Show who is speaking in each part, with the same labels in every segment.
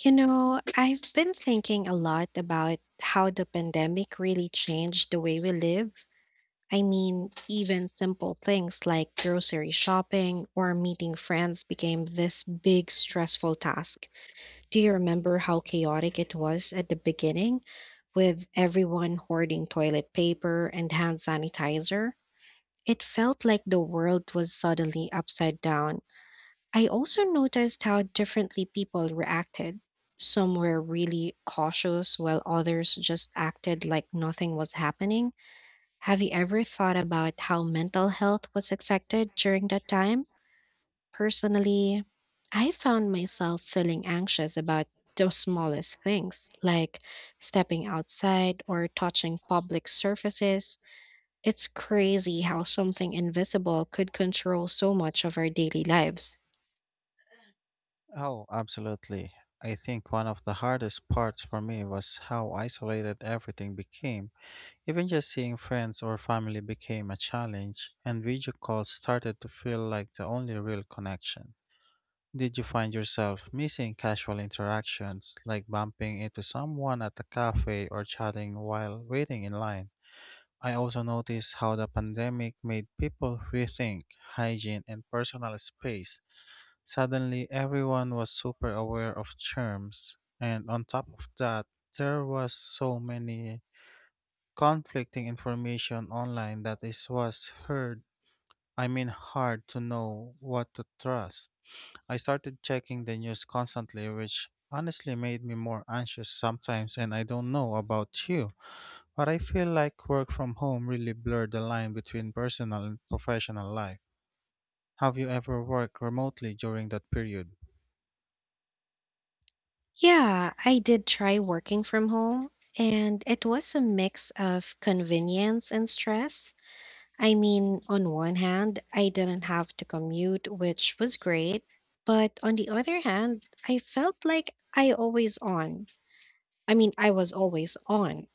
Speaker 1: You know, I've been thinking a lot about how the pandemic really changed the way we live. I mean, even simple things like grocery shopping or meeting friends became this big stressful task. Do you remember how chaotic it was at the beginning with everyone hoarding toilet paper and hand sanitizer? It felt like the world was suddenly upside down. I also noticed how differently people reacted. Some were really cautious, while others just acted like nothing was happening. Have you ever thought about how mental health was affected during that time? Personally, I found myself feeling anxious about the smallest things, like stepping outside or touching public surfaces. It's crazy how something invisible could control so much of our daily lives.
Speaker 2: Oh, absolutely. I think one of the hardest parts for me was how isolated everything became. Even just seeing friends or family became a challenge, and video calls started to feel like the only real connection. Did you find yourself missing casual interactions, like bumping into someone at a cafe or chatting while waiting in line? I also noticed how the pandemic made people rethink hygiene and personal space. Suddenly, everyone was super aware of terms, and on top of that, there was so many conflicting information online that it was heard. I mean, hard to know what to trust. I started checking the news constantly, which honestly made me more anxious sometimes, and I don't know about you, but I feel like work from home really blurred the line between personal and professional life. Have you ever worked remotely during that period?
Speaker 1: Yeah, I did try working from home, and it was a mix of convenience and stress. I mean, on one hand, I didn't have to commute, which was great, but on the other hand, I felt like I always on. I mean, I was always on.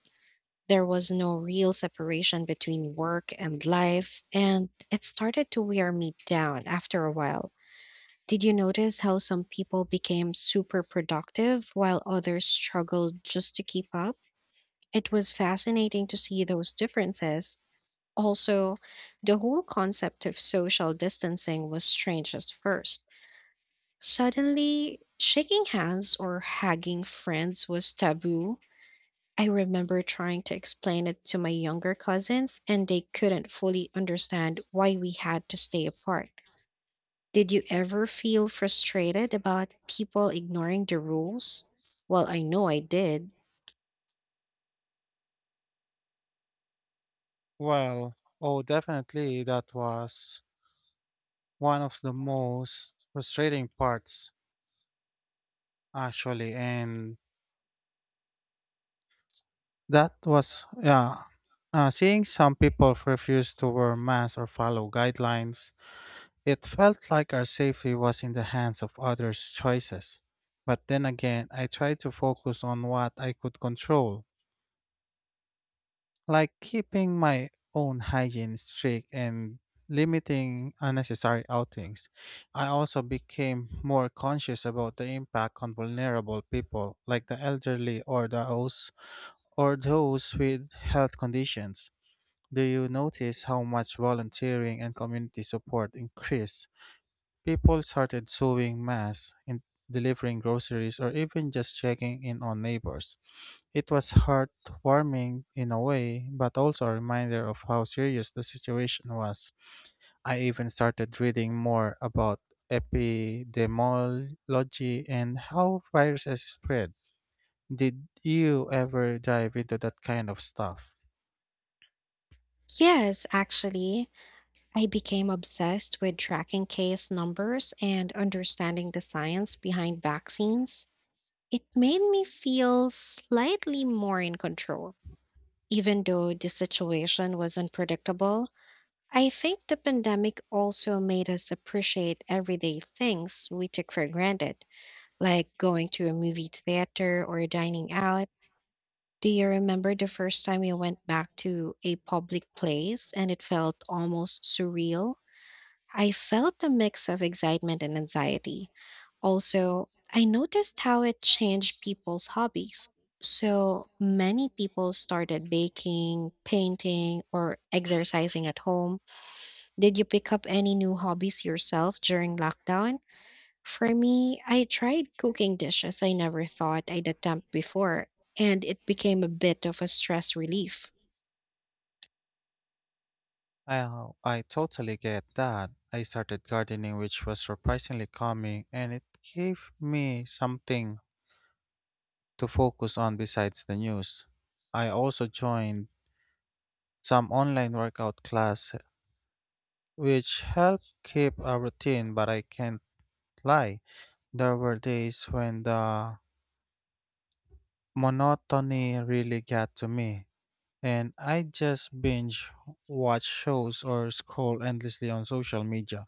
Speaker 1: There was no real separation between work and life, and it started to wear me down after a while. Did you notice how some people became super productive while others struggled just to keep up? It was fascinating to see those differences. Also, the whole concept of social distancing was strange at first. Suddenly, shaking hands or hugging friends was taboo. I remember trying to explain it to my younger cousins, and they couldn't fully understand why we had to stay apart. Did you ever feel frustrated about people ignoring the rules? Well, I know I did.
Speaker 2: Well, oh, definitely that was one of the most frustrating parts, actually. And that was, yeah, seeing some people refuse to wear masks or follow guidelines, it felt like our safety was in the hands of others' choices. But then again, I tried to focus on what I could control, like keeping my own hygiene strict and limiting unnecessary outings. I also became more conscious about the impact on vulnerable people like the elderly or those with health conditions. Do you notice how much volunteering and community support increased? People started sewing masks and delivering groceries or even just checking in on neighbors. It was heartwarming in a way, but also a reminder of how serious the situation was. I even started reading more about epidemiology and how viruses spread. Did you ever dive into that kind of stuff?
Speaker 1: Yes, actually, I became obsessed with tracking case numbers and understanding the science behind vaccines. It made me feel slightly more in control. Even though the situation was unpredictable, I think the pandemic also made us appreciate everyday things we took for granted, like going to a movie theater or dining out. Do you remember the first time you went back to a public place and it felt almost surreal? I felt a mix of excitement and anxiety. Also, I noticed how it changed people's hobbies. So many people started baking, painting, or exercising at home. Did you pick up any new hobbies yourself during lockdown? For me, I tried cooking dishes I never thought I'd attempt before, and it became a bit of a stress relief.
Speaker 2: Oh, I totally get that. I started gardening, which was surprisingly calming, and it gave me something to focus on besides the news. I also joined some online workout class, which helped keep a routine, but I can't lie. There were days when the monotony really got to me, and I just binge watch shows or scroll endlessly on social media.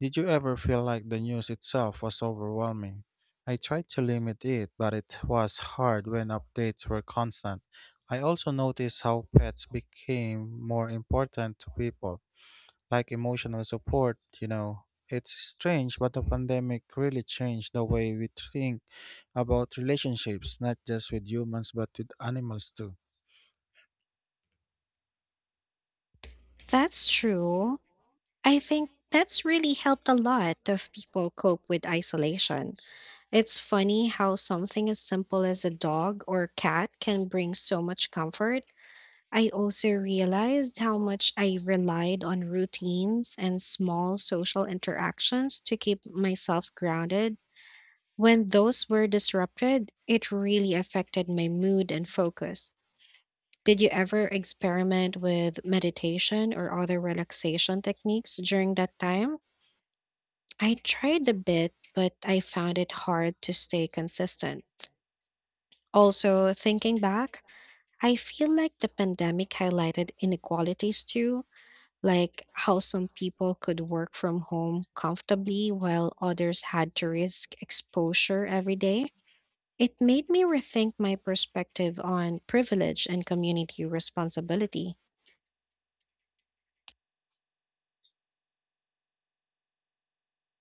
Speaker 2: Did you ever feel like the news itself was overwhelming? I tried to limit it, but it was hard when updates were constant. I also noticed how pets became more important to people, like emotional support, you know. It's strange, but the pandemic really changed the way we think about relationships, not just with humans, but with animals too.
Speaker 1: That's true. I think that's really helped a lot of people cope with isolation. It's funny how something as simple as a dog or cat can bring so much comfort. I also realized how much I relied on routines and small social interactions to keep myself grounded. When those were disrupted, it really affected my mood and focus. Did you ever experiment with meditation or other relaxation techniques during that time? I tried a bit, but I found it hard to stay consistent. Also, thinking back, I feel like the pandemic highlighted inequalities too, like how some people could work from home comfortably while others had to risk exposure every day. It made me rethink my perspective on privilege and community responsibility.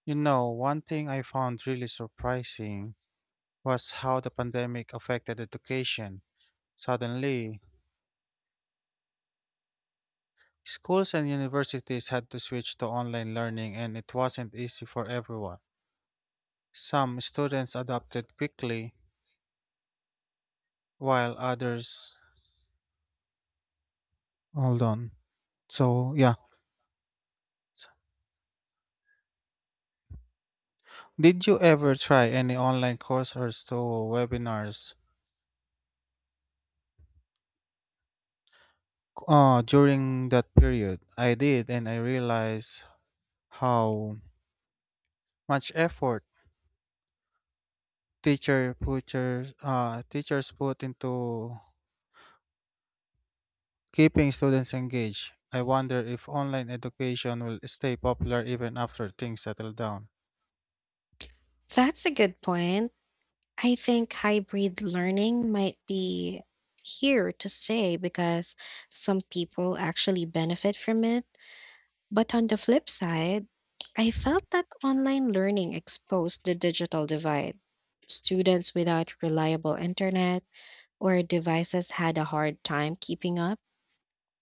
Speaker 2: You know, one thing I found really surprising was how the pandemic affected education. Suddenly, schools and universities had to switch to online learning, and it wasn't easy for everyone. Some students adapted quickly, while others. Hold on. So, yeah. Did you ever try any online courses to webinars during that period? I did, and I realized how much effort teachers put into keeping students engaged. I wonder if online education will stay popular even after things settle down.
Speaker 1: That's a good point. I think hybrid learning might be here to stay because some people actually benefit from it. But on the flip side, I felt that online learning exposed the digital divide. Students without reliable internet or devices had a hard time keeping up.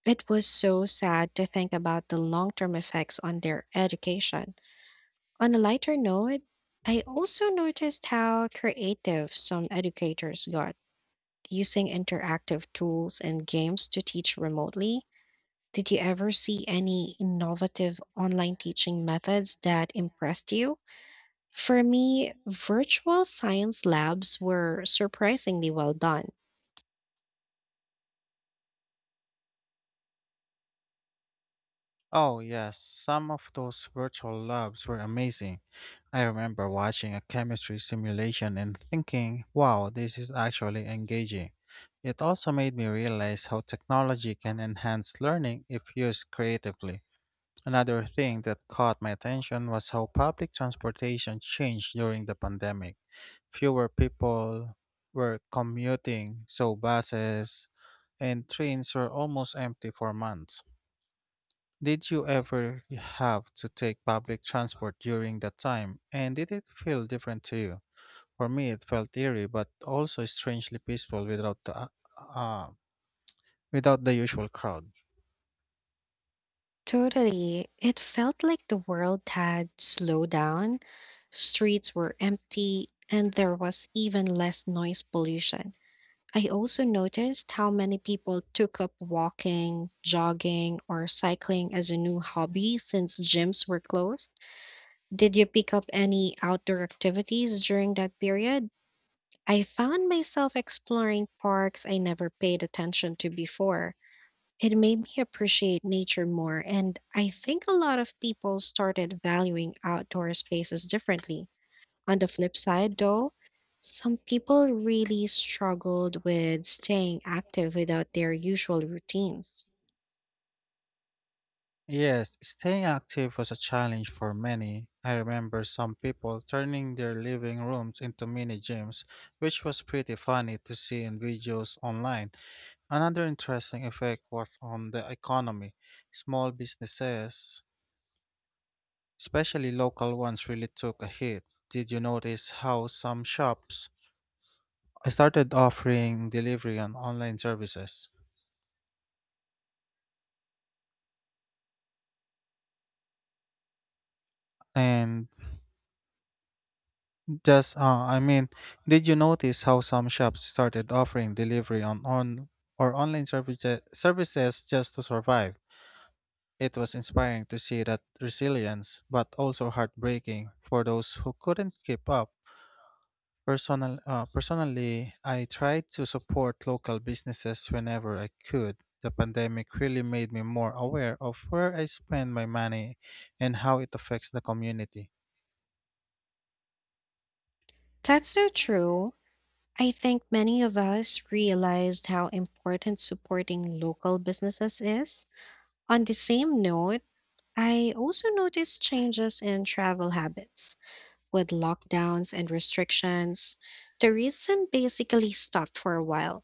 Speaker 1: It was so sad to think about the long term effects on their education. On a lighter note, I also noticed how creative some educators got using interactive tools and games to teach remotely. Did you ever see any innovative online teaching methods that impressed you? For me, virtual science labs were surprisingly well done.
Speaker 2: Oh, yes, some of those virtual labs were amazing. I remember watching a chemistry simulation and thinking, wow, this is actually engaging. It also made me realize how technology can enhance learning if used creatively. Another thing that caught my attention was how public transportation changed during the pandemic. Fewer people were commuting, so buses and trains were almost empty for months. Did you ever have to take public transport during that time, and did it feel different to you? For me, it felt eerie, but also strangely peaceful without the uh, without the usual crowd.
Speaker 1: Totally. It felt like the world had slowed down. Streets were empty, and there was even less noise pollution. I also noticed how many people took up walking, jogging, or cycling as a new hobby since gyms were closed. Did you pick up any outdoor activities during that period? I found myself exploring parks I never paid attention to before. It made me appreciate nature more, and I think a lot of people started valuing outdoor spaces differently. On the flip side, though, some people really struggled with staying active without their usual routines.
Speaker 2: Yes, staying active was a challenge for many. I remember some people turning their living rooms into mini gyms, which was pretty funny to see in videos online. Another interesting effect was on the economy. Small businesses, especially local ones, really took a hit. Did you notice how some shops started offering delivery and online services? And just, I mean, did you notice how some shops started offering delivery on or online services just to survive? It was inspiring to see that resilience, but also heartbreaking for those who couldn't keep up. Personally, I tried to support local businesses whenever I could. The pandemic really made me more aware of where I spend my money and how it affects the community.
Speaker 1: That's so true. I think many of us realized how important supporting local businesses is. On the same note, I also noticed changes in travel habits, with lockdowns and restrictions, tourism basically stopped for a while.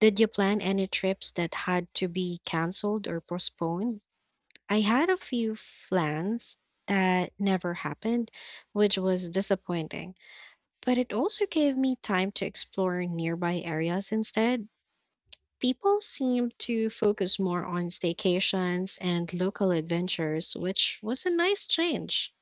Speaker 1: Did you plan any trips that had to be canceled or postponed? I had a few plans that never happened, which was disappointing, but it also gave me time to explore nearby areas instead. People seemed to focus more on staycations and local adventures, which was a nice change.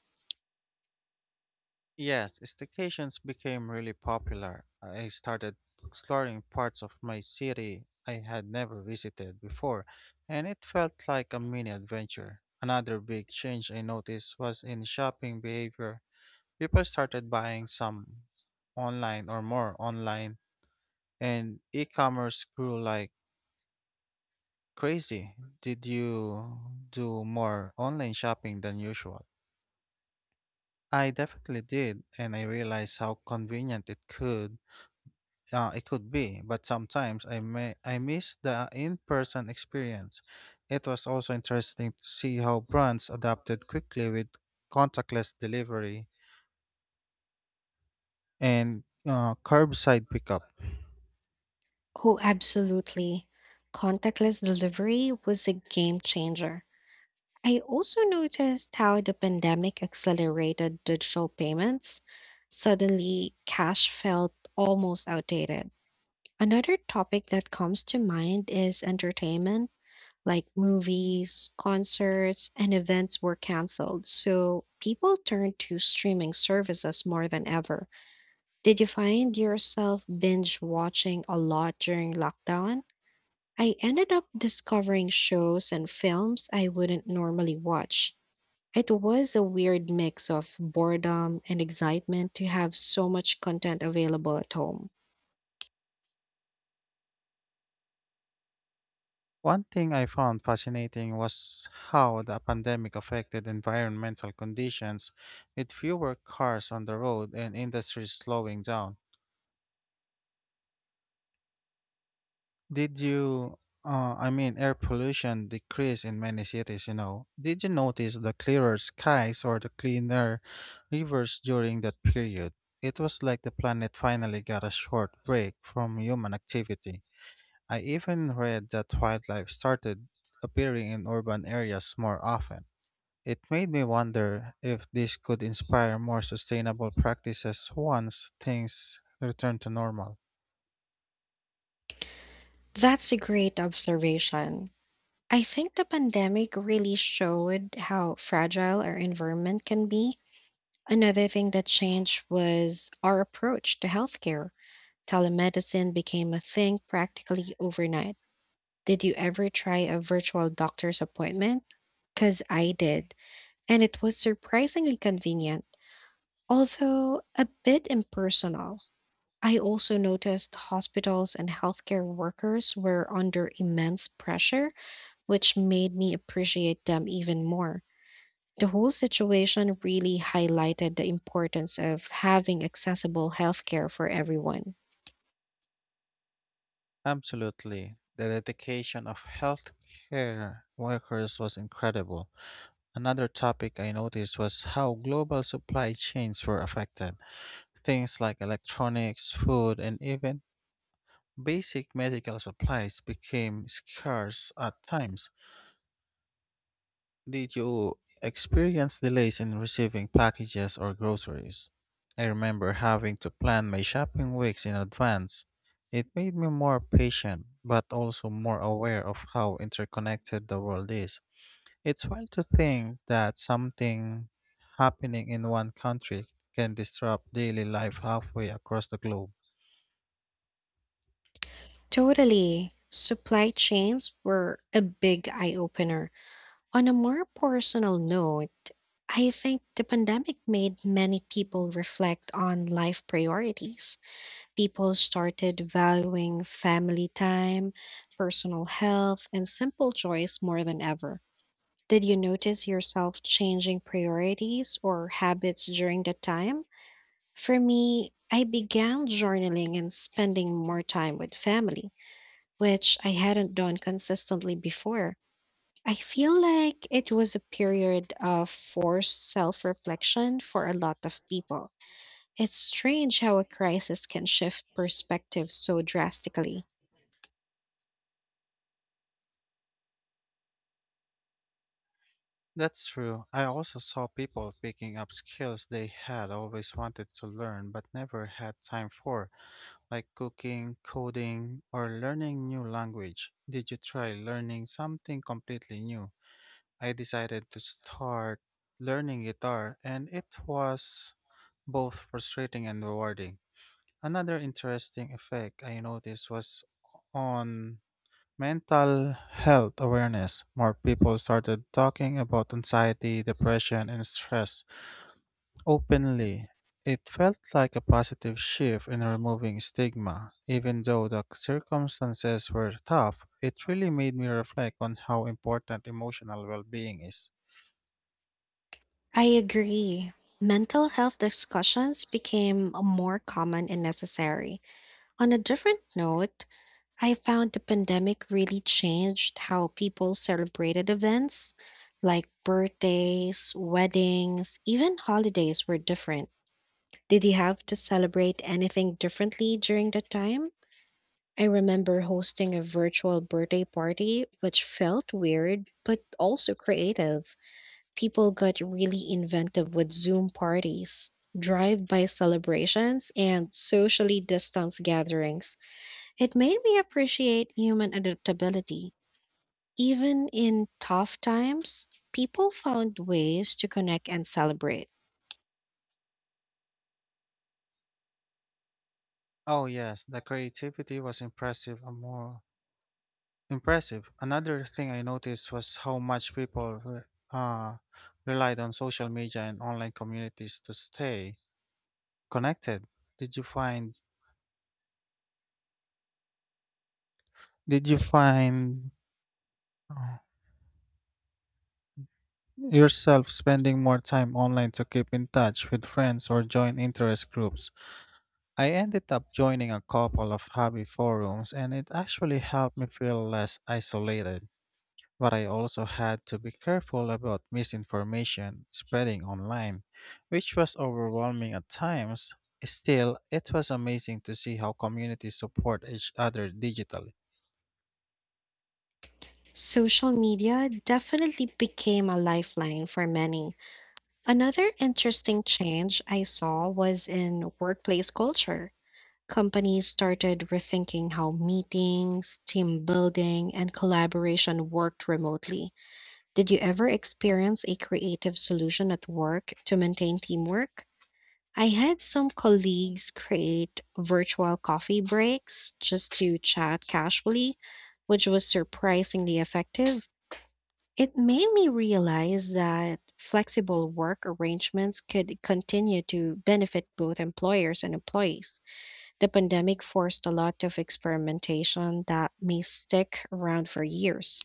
Speaker 2: Yes, staycations became really popular. I started exploring parts of my city I had never visited before, and it felt like a mini adventure. Another big change I noticed was in shopping behavior. People started buying some online or more online, and e commerce grew like crazy. Did you do more online shopping than usual? I definitely did, and I realized how convenient it could be. But sometimes I miss the in-person experience. It was also interesting to see how brands adapted quickly with contactless delivery and curbside pickup.
Speaker 1: Oh, absolutely. Contactless delivery was a game changer. I also noticed how the pandemic accelerated digital payments. Suddenly, cash felt almost outdated. Another topic that comes to mind is entertainment, like movies, concerts, and events were canceled. So people turned to streaming services more than ever. Did you find yourself binge watching a lot during lockdown? I ended up discovering shows and films I wouldn't normally watch. It was a weird mix of boredom and excitement to have so much content available at home.
Speaker 2: One thing I found fascinating was how the pandemic affected environmental conditions with fewer cars on the road and industries slowing down. Did you, I mean, air pollution decreased in many cities, you know? Did you notice the clearer skies or the cleaner rivers during that period? It was like the planet finally got a short break from human activity. I even read that wildlife started appearing in urban areas more often. It made me wonder if this could inspire more sustainable practices once things return to normal.
Speaker 1: That's a great observation. I think the pandemic really showed how fragile our environment can be. Another thing that changed was our approach to healthcare. Telemedicine became a thing practically overnight. Did you ever try a virtual doctor's appointment? Because I did, and it was surprisingly convenient, although a bit impersonal. I also noticed hospitals and healthcare workers were under immense pressure, which made me appreciate them even more. The whole situation really highlighted the importance of having accessible healthcare for everyone.
Speaker 2: Absolutely. The dedication of healthcare workers was incredible. Another topic I noticed was how global supply chains were affected. Things like electronics, food, and even basic medical supplies became scarce at times. Did you experience delays in receiving packages or groceries? I remember having to plan my shopping weeks in advance. It made me more patient, but also more aware of how interconnected the world is. It's wild to think that something happening in one country can disrupt daily life halfway across the globe.
Speaker 1: Totally. Supply chains were a big eye opener. On a more personal note, I think the pandemic made many people reflect on life priorities. People started valuing family time, personal health, and simple joys more than ever. Did you notice yourself changing priorities or habits during the time? For me, I began journaling and spending more time with family, which I hadn't done consistently before. I feel like it was a period of forced self reflection for a lot of people. It's strange how a crisis can shift perspective so drastically.
Speaker 2: That's true. I also saw people picking up skills they had always wanted to learn but never had time for, like cooking, coding, or learning new language. Did you try learning something completely new? I decided to start learning guitar, and it was both frustrating and rewarding. Another interesting effect I noticed was on mental health awareness. More people started talking about anxiety, depression, and stress openly. It felt like a positive shift in removing stigma. Even though the circumstances were tough, it really made me reflect on how important emotional well-being is.
Speaker 1: I agree. Mental health discussions became more common and necessary. On a different note, I found the pandemic really changed how people celebrated events, like birthdays, weddings, even holidays were different. Did you have to celebrate anything differently during that time? I remember hosting a virtual birthday party, which felt weird, but also creative. People got really inventive with Zoom parties, drive by celebrations, and socially distanced gatherings. It made me appreciate human adaptability. Even in tough times, people found ways to connect and celebrate.
Speaker 2: Oh yes, the creativity was impressive. More impressive. Another thing I noticed was how much uh, relied on social media and online communities to stay connected. Did you find? Did you find yourself spending more time online to keep in touch with friends or join interest groups. I ended up joining a couple of hobby forums, and it actually helped me feel less isolated. But I also had to be careful about misinformation spreading online, which was overwhelming at times. Still, it was amazing to see how communities support each other digitally.
Speaker 1: Social media definitely became a lifeline for many. Another interesting change I saw was in workplace culture. Companies started rethinking how meetings, team building, and collaboration worked remotely. Did you ever experience a creative solution at work to maintain teamwork? I had some colleagues create virtual coffee breaks just to chat casually, which was surprisingly effective. It made me realize that flexible work arrangements could continue to benefit both employers and employees. The pandemic forced a lot of experimentation that may stick around for years.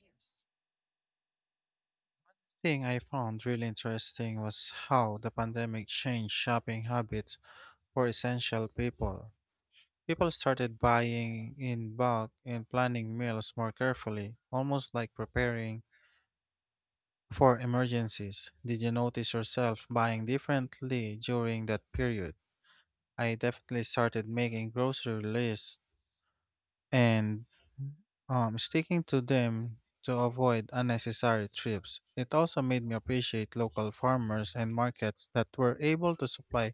Speaker 2: Thing I found really interesting was how the pandemic changed shopping habits for essential people. People started buying in bulk and planning meals more carefully, almost like preparing for emergencies. Did you notice yourself buying differently during that period? I definitely started making grocery lists and sticking to them to avoid unnecessary trips. It also made me appreciate local farmers and markets that were able to supply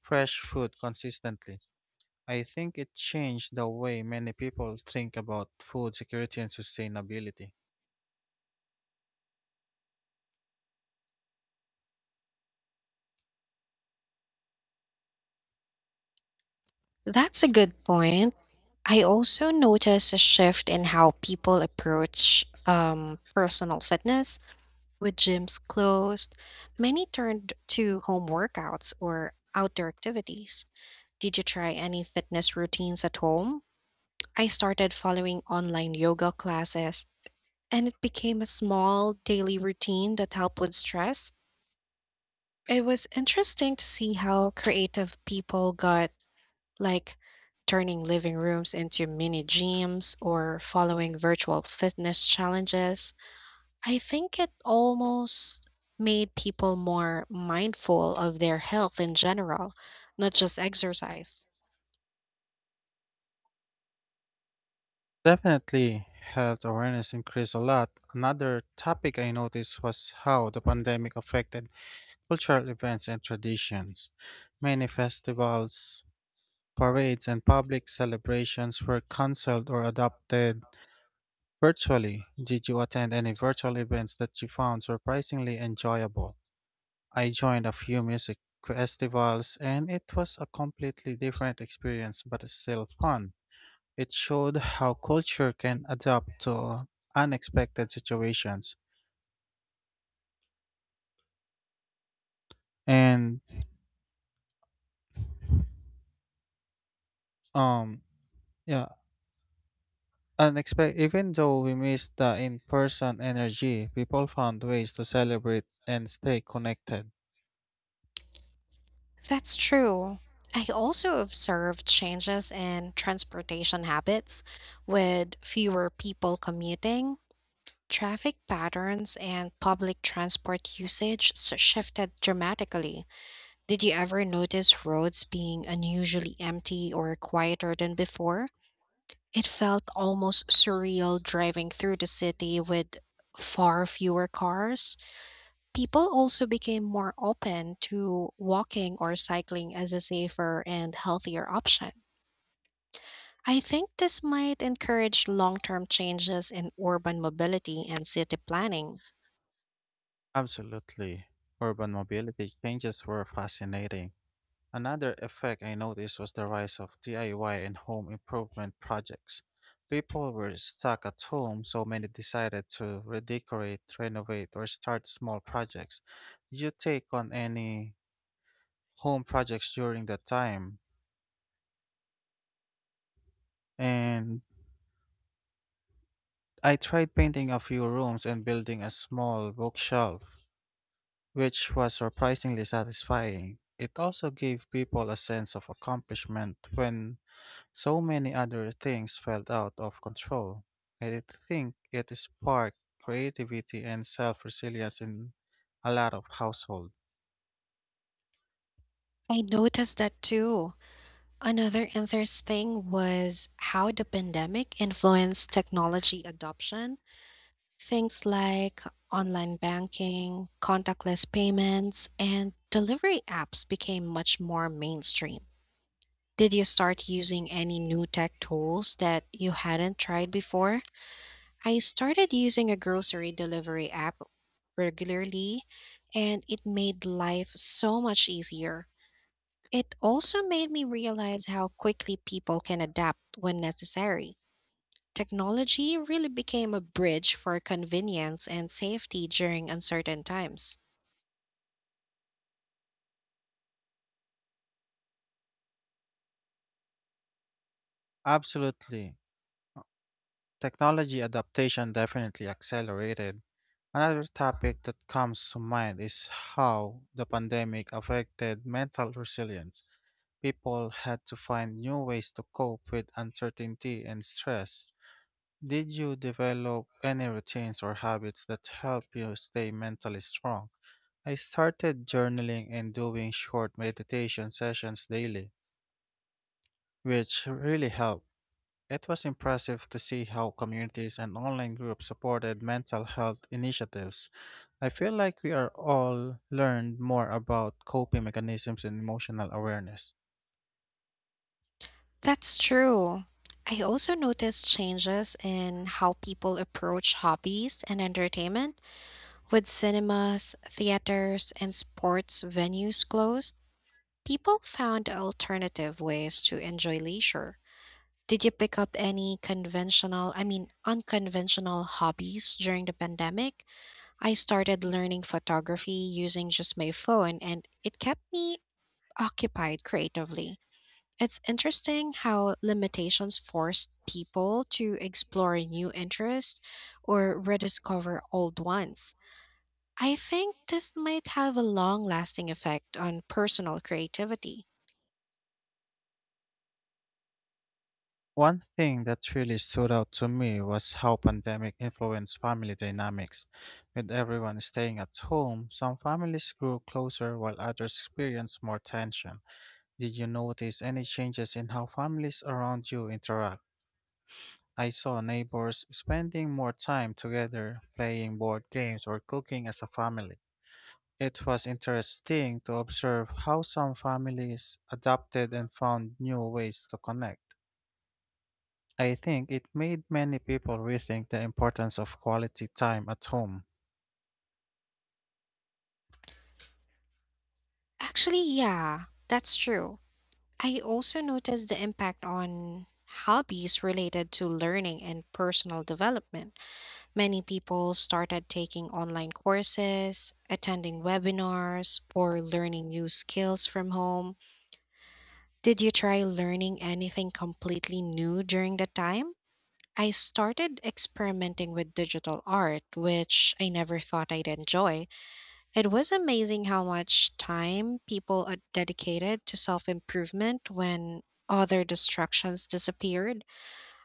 Speaker 2: fresh food consistently. I think it changed the way many people think about food security and sustainability.
Speaker 1: That's a good point. I also noticed a shift in how people approach personal fitness. With gyms closed, many turned to home workouts or outdoor activities. Did you try any fitness routines at home? I started following online yoga classes, and it became a small daily routine that helped with stress. It was interesting to see how creative people got, like turning living rooms into mini gyms or following virtual fitness challenges. I think it almost made people more mindful of their health in general, not just exercise.
Speaker 2: Definitely, health awareness increased a lot. Another topic I noticed was how the pandemic affected cultural events and traditions. Many festivals, parades, and public celebrations were cancelled or adopted virtually. Did you attend any virtual events that you found surprisingly enjoyable? I joined a few music festivals, and it was a completely different experience but still fun. It showed how culture can adapt to unexpected situations and um yeah unexpected even though we missed the in-person energy, people found ways to celebrate and stay connected.
Speaker 1: That's true. I also observed changes in transportation habits with fewer people commuting. Traffic patterns and public transport usage shifted dramatically. Did you ever notice roads being unusually empty or quieter than before? It felt almost surreal driving through the city with far fewer cars. People also became more open to walking or cycling as a safer and healthier option. I think this might encourage long term changes in urban mobility and city planning.
Speaker 2: Absolutely, urban mobility changes were fascinating. Another effect I noticed was the rise of DIY and home improvement projects. People were stuck at home, so many decided to redecorate, renovate, or start small projects. Did you take on any home projects during that time? And I tried painting a few rooms and building a small bookshelf, which was surprisingly satisfying. It also gave people a sense of accomplishment when so many other things felt out of control. I think it sparked creativity and self resilience in a lot of households.
Speaker 1: I noticed that too. Another interesting thing was how the pandemic influenced technology adoption. Things like online banking, contactless payments, and delivery apps became much more mainstream. Did you start using any new tech tools that you hadn't tried before? I started using a grocery delivery app regularly, and it made life so much easier. It also made me realize how quickly people can adapt when necessary. Technology really became a bridge for convenience and safety during uncertain times.
Speaker 2: Absolutely. Technology adaptation definitely accelerated. Another topic that comes to mind is how the pandemic affected mental resilience. People had to find new ways to cope with uncertainty and stress. Did you develop any routines or habits that help you stay mentally strong? I started journaling and doing short meditation sessions daily, which really helped. It was impressive to see how communities and online groups supported mental health initiatives. I feel like we are all learned more about coping mechanisms and emotional awareness.
Speaker 1: That's true. I also noticed changes in how people approach hobbies and entertainment. With cinemas, theaters, and sports venues closed, people found alternative ways to enjoy leisure. Did you pick up any unconventional hobbies during the pandemic? I started learning photography using just my phone, and it kept me occupied creatively. It's interesting how limitations forced people to explore new interests or rediscover old ones. I think this might have a long lasting effect on personal creativity.
Speaker 2: One thing that really stood out to me was how pandemic influenced family dynamics. With everyone staying at home, some families grew closer while others experienced more tension. Did you notice any changes in how families around you interact? I saw neighbors spending more time together, playing board games or cooking as a family. It was interesting to observe how some families adapted and found new ways to connect. I think it made many people rethink the importance of quality time at home.
Speaker 1: Actually, yeah, that's true. I also noticed the impact on hobbies related to learning and personal development. Many people started taking online courses, attending webinars, or learning new skills from home. Did you try learning anything completely new during that time? I started experimenting with digital art, which I never thought I'd enjoy. It was amazing how much time people are dedicated to self improvement when other distractions disappeared.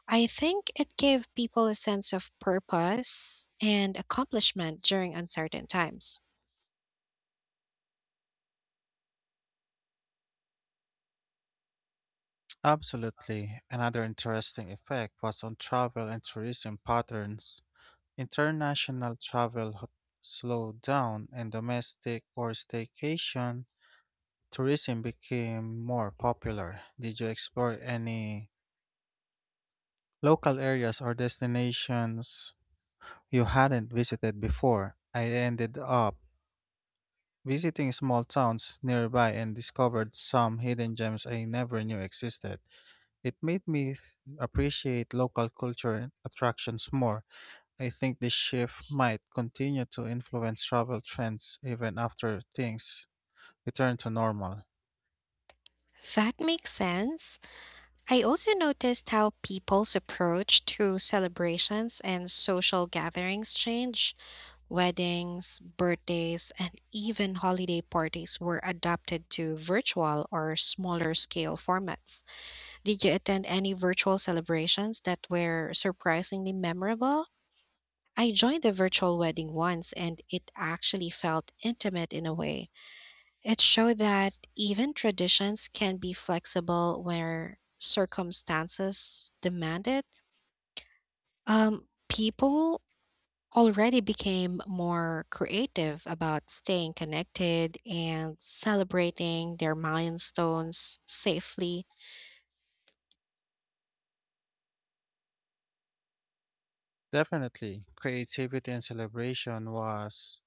Speaker 1: I think it gave people a sense of purpose and accomplishment during uncertain times.
Speaker 2: Absolutely. Another interesting effect was on travel and tourism patterns. International slowed down, and domestic or staycation tourism became more popular. Did you explore any local areas or destinations you hadn't visited before? I ended up visiting small towns nearby and discovered some hidden gems I never knew existed. It made me appreciate local culture and attractions more. I think this shift might continue to influence travel trends even after things return to normal.
Speaker 1: That makes sense. I also noticed how people's approach to celebrations and social gatherings changed. Weddings, birthdays, and even holiday parties were adapted to virtual or smaller scale formats. Did you attend any virtual celebrations that were surprisingly memorable? I joined a virtual wedding once and it actually felt intimate in a way. It showed that even traditions can be flexible where circumstances demand it. People already became more creative about staying connected and celebrating their milestones safely.
Speaker 2: Definitely, creativity and celebration was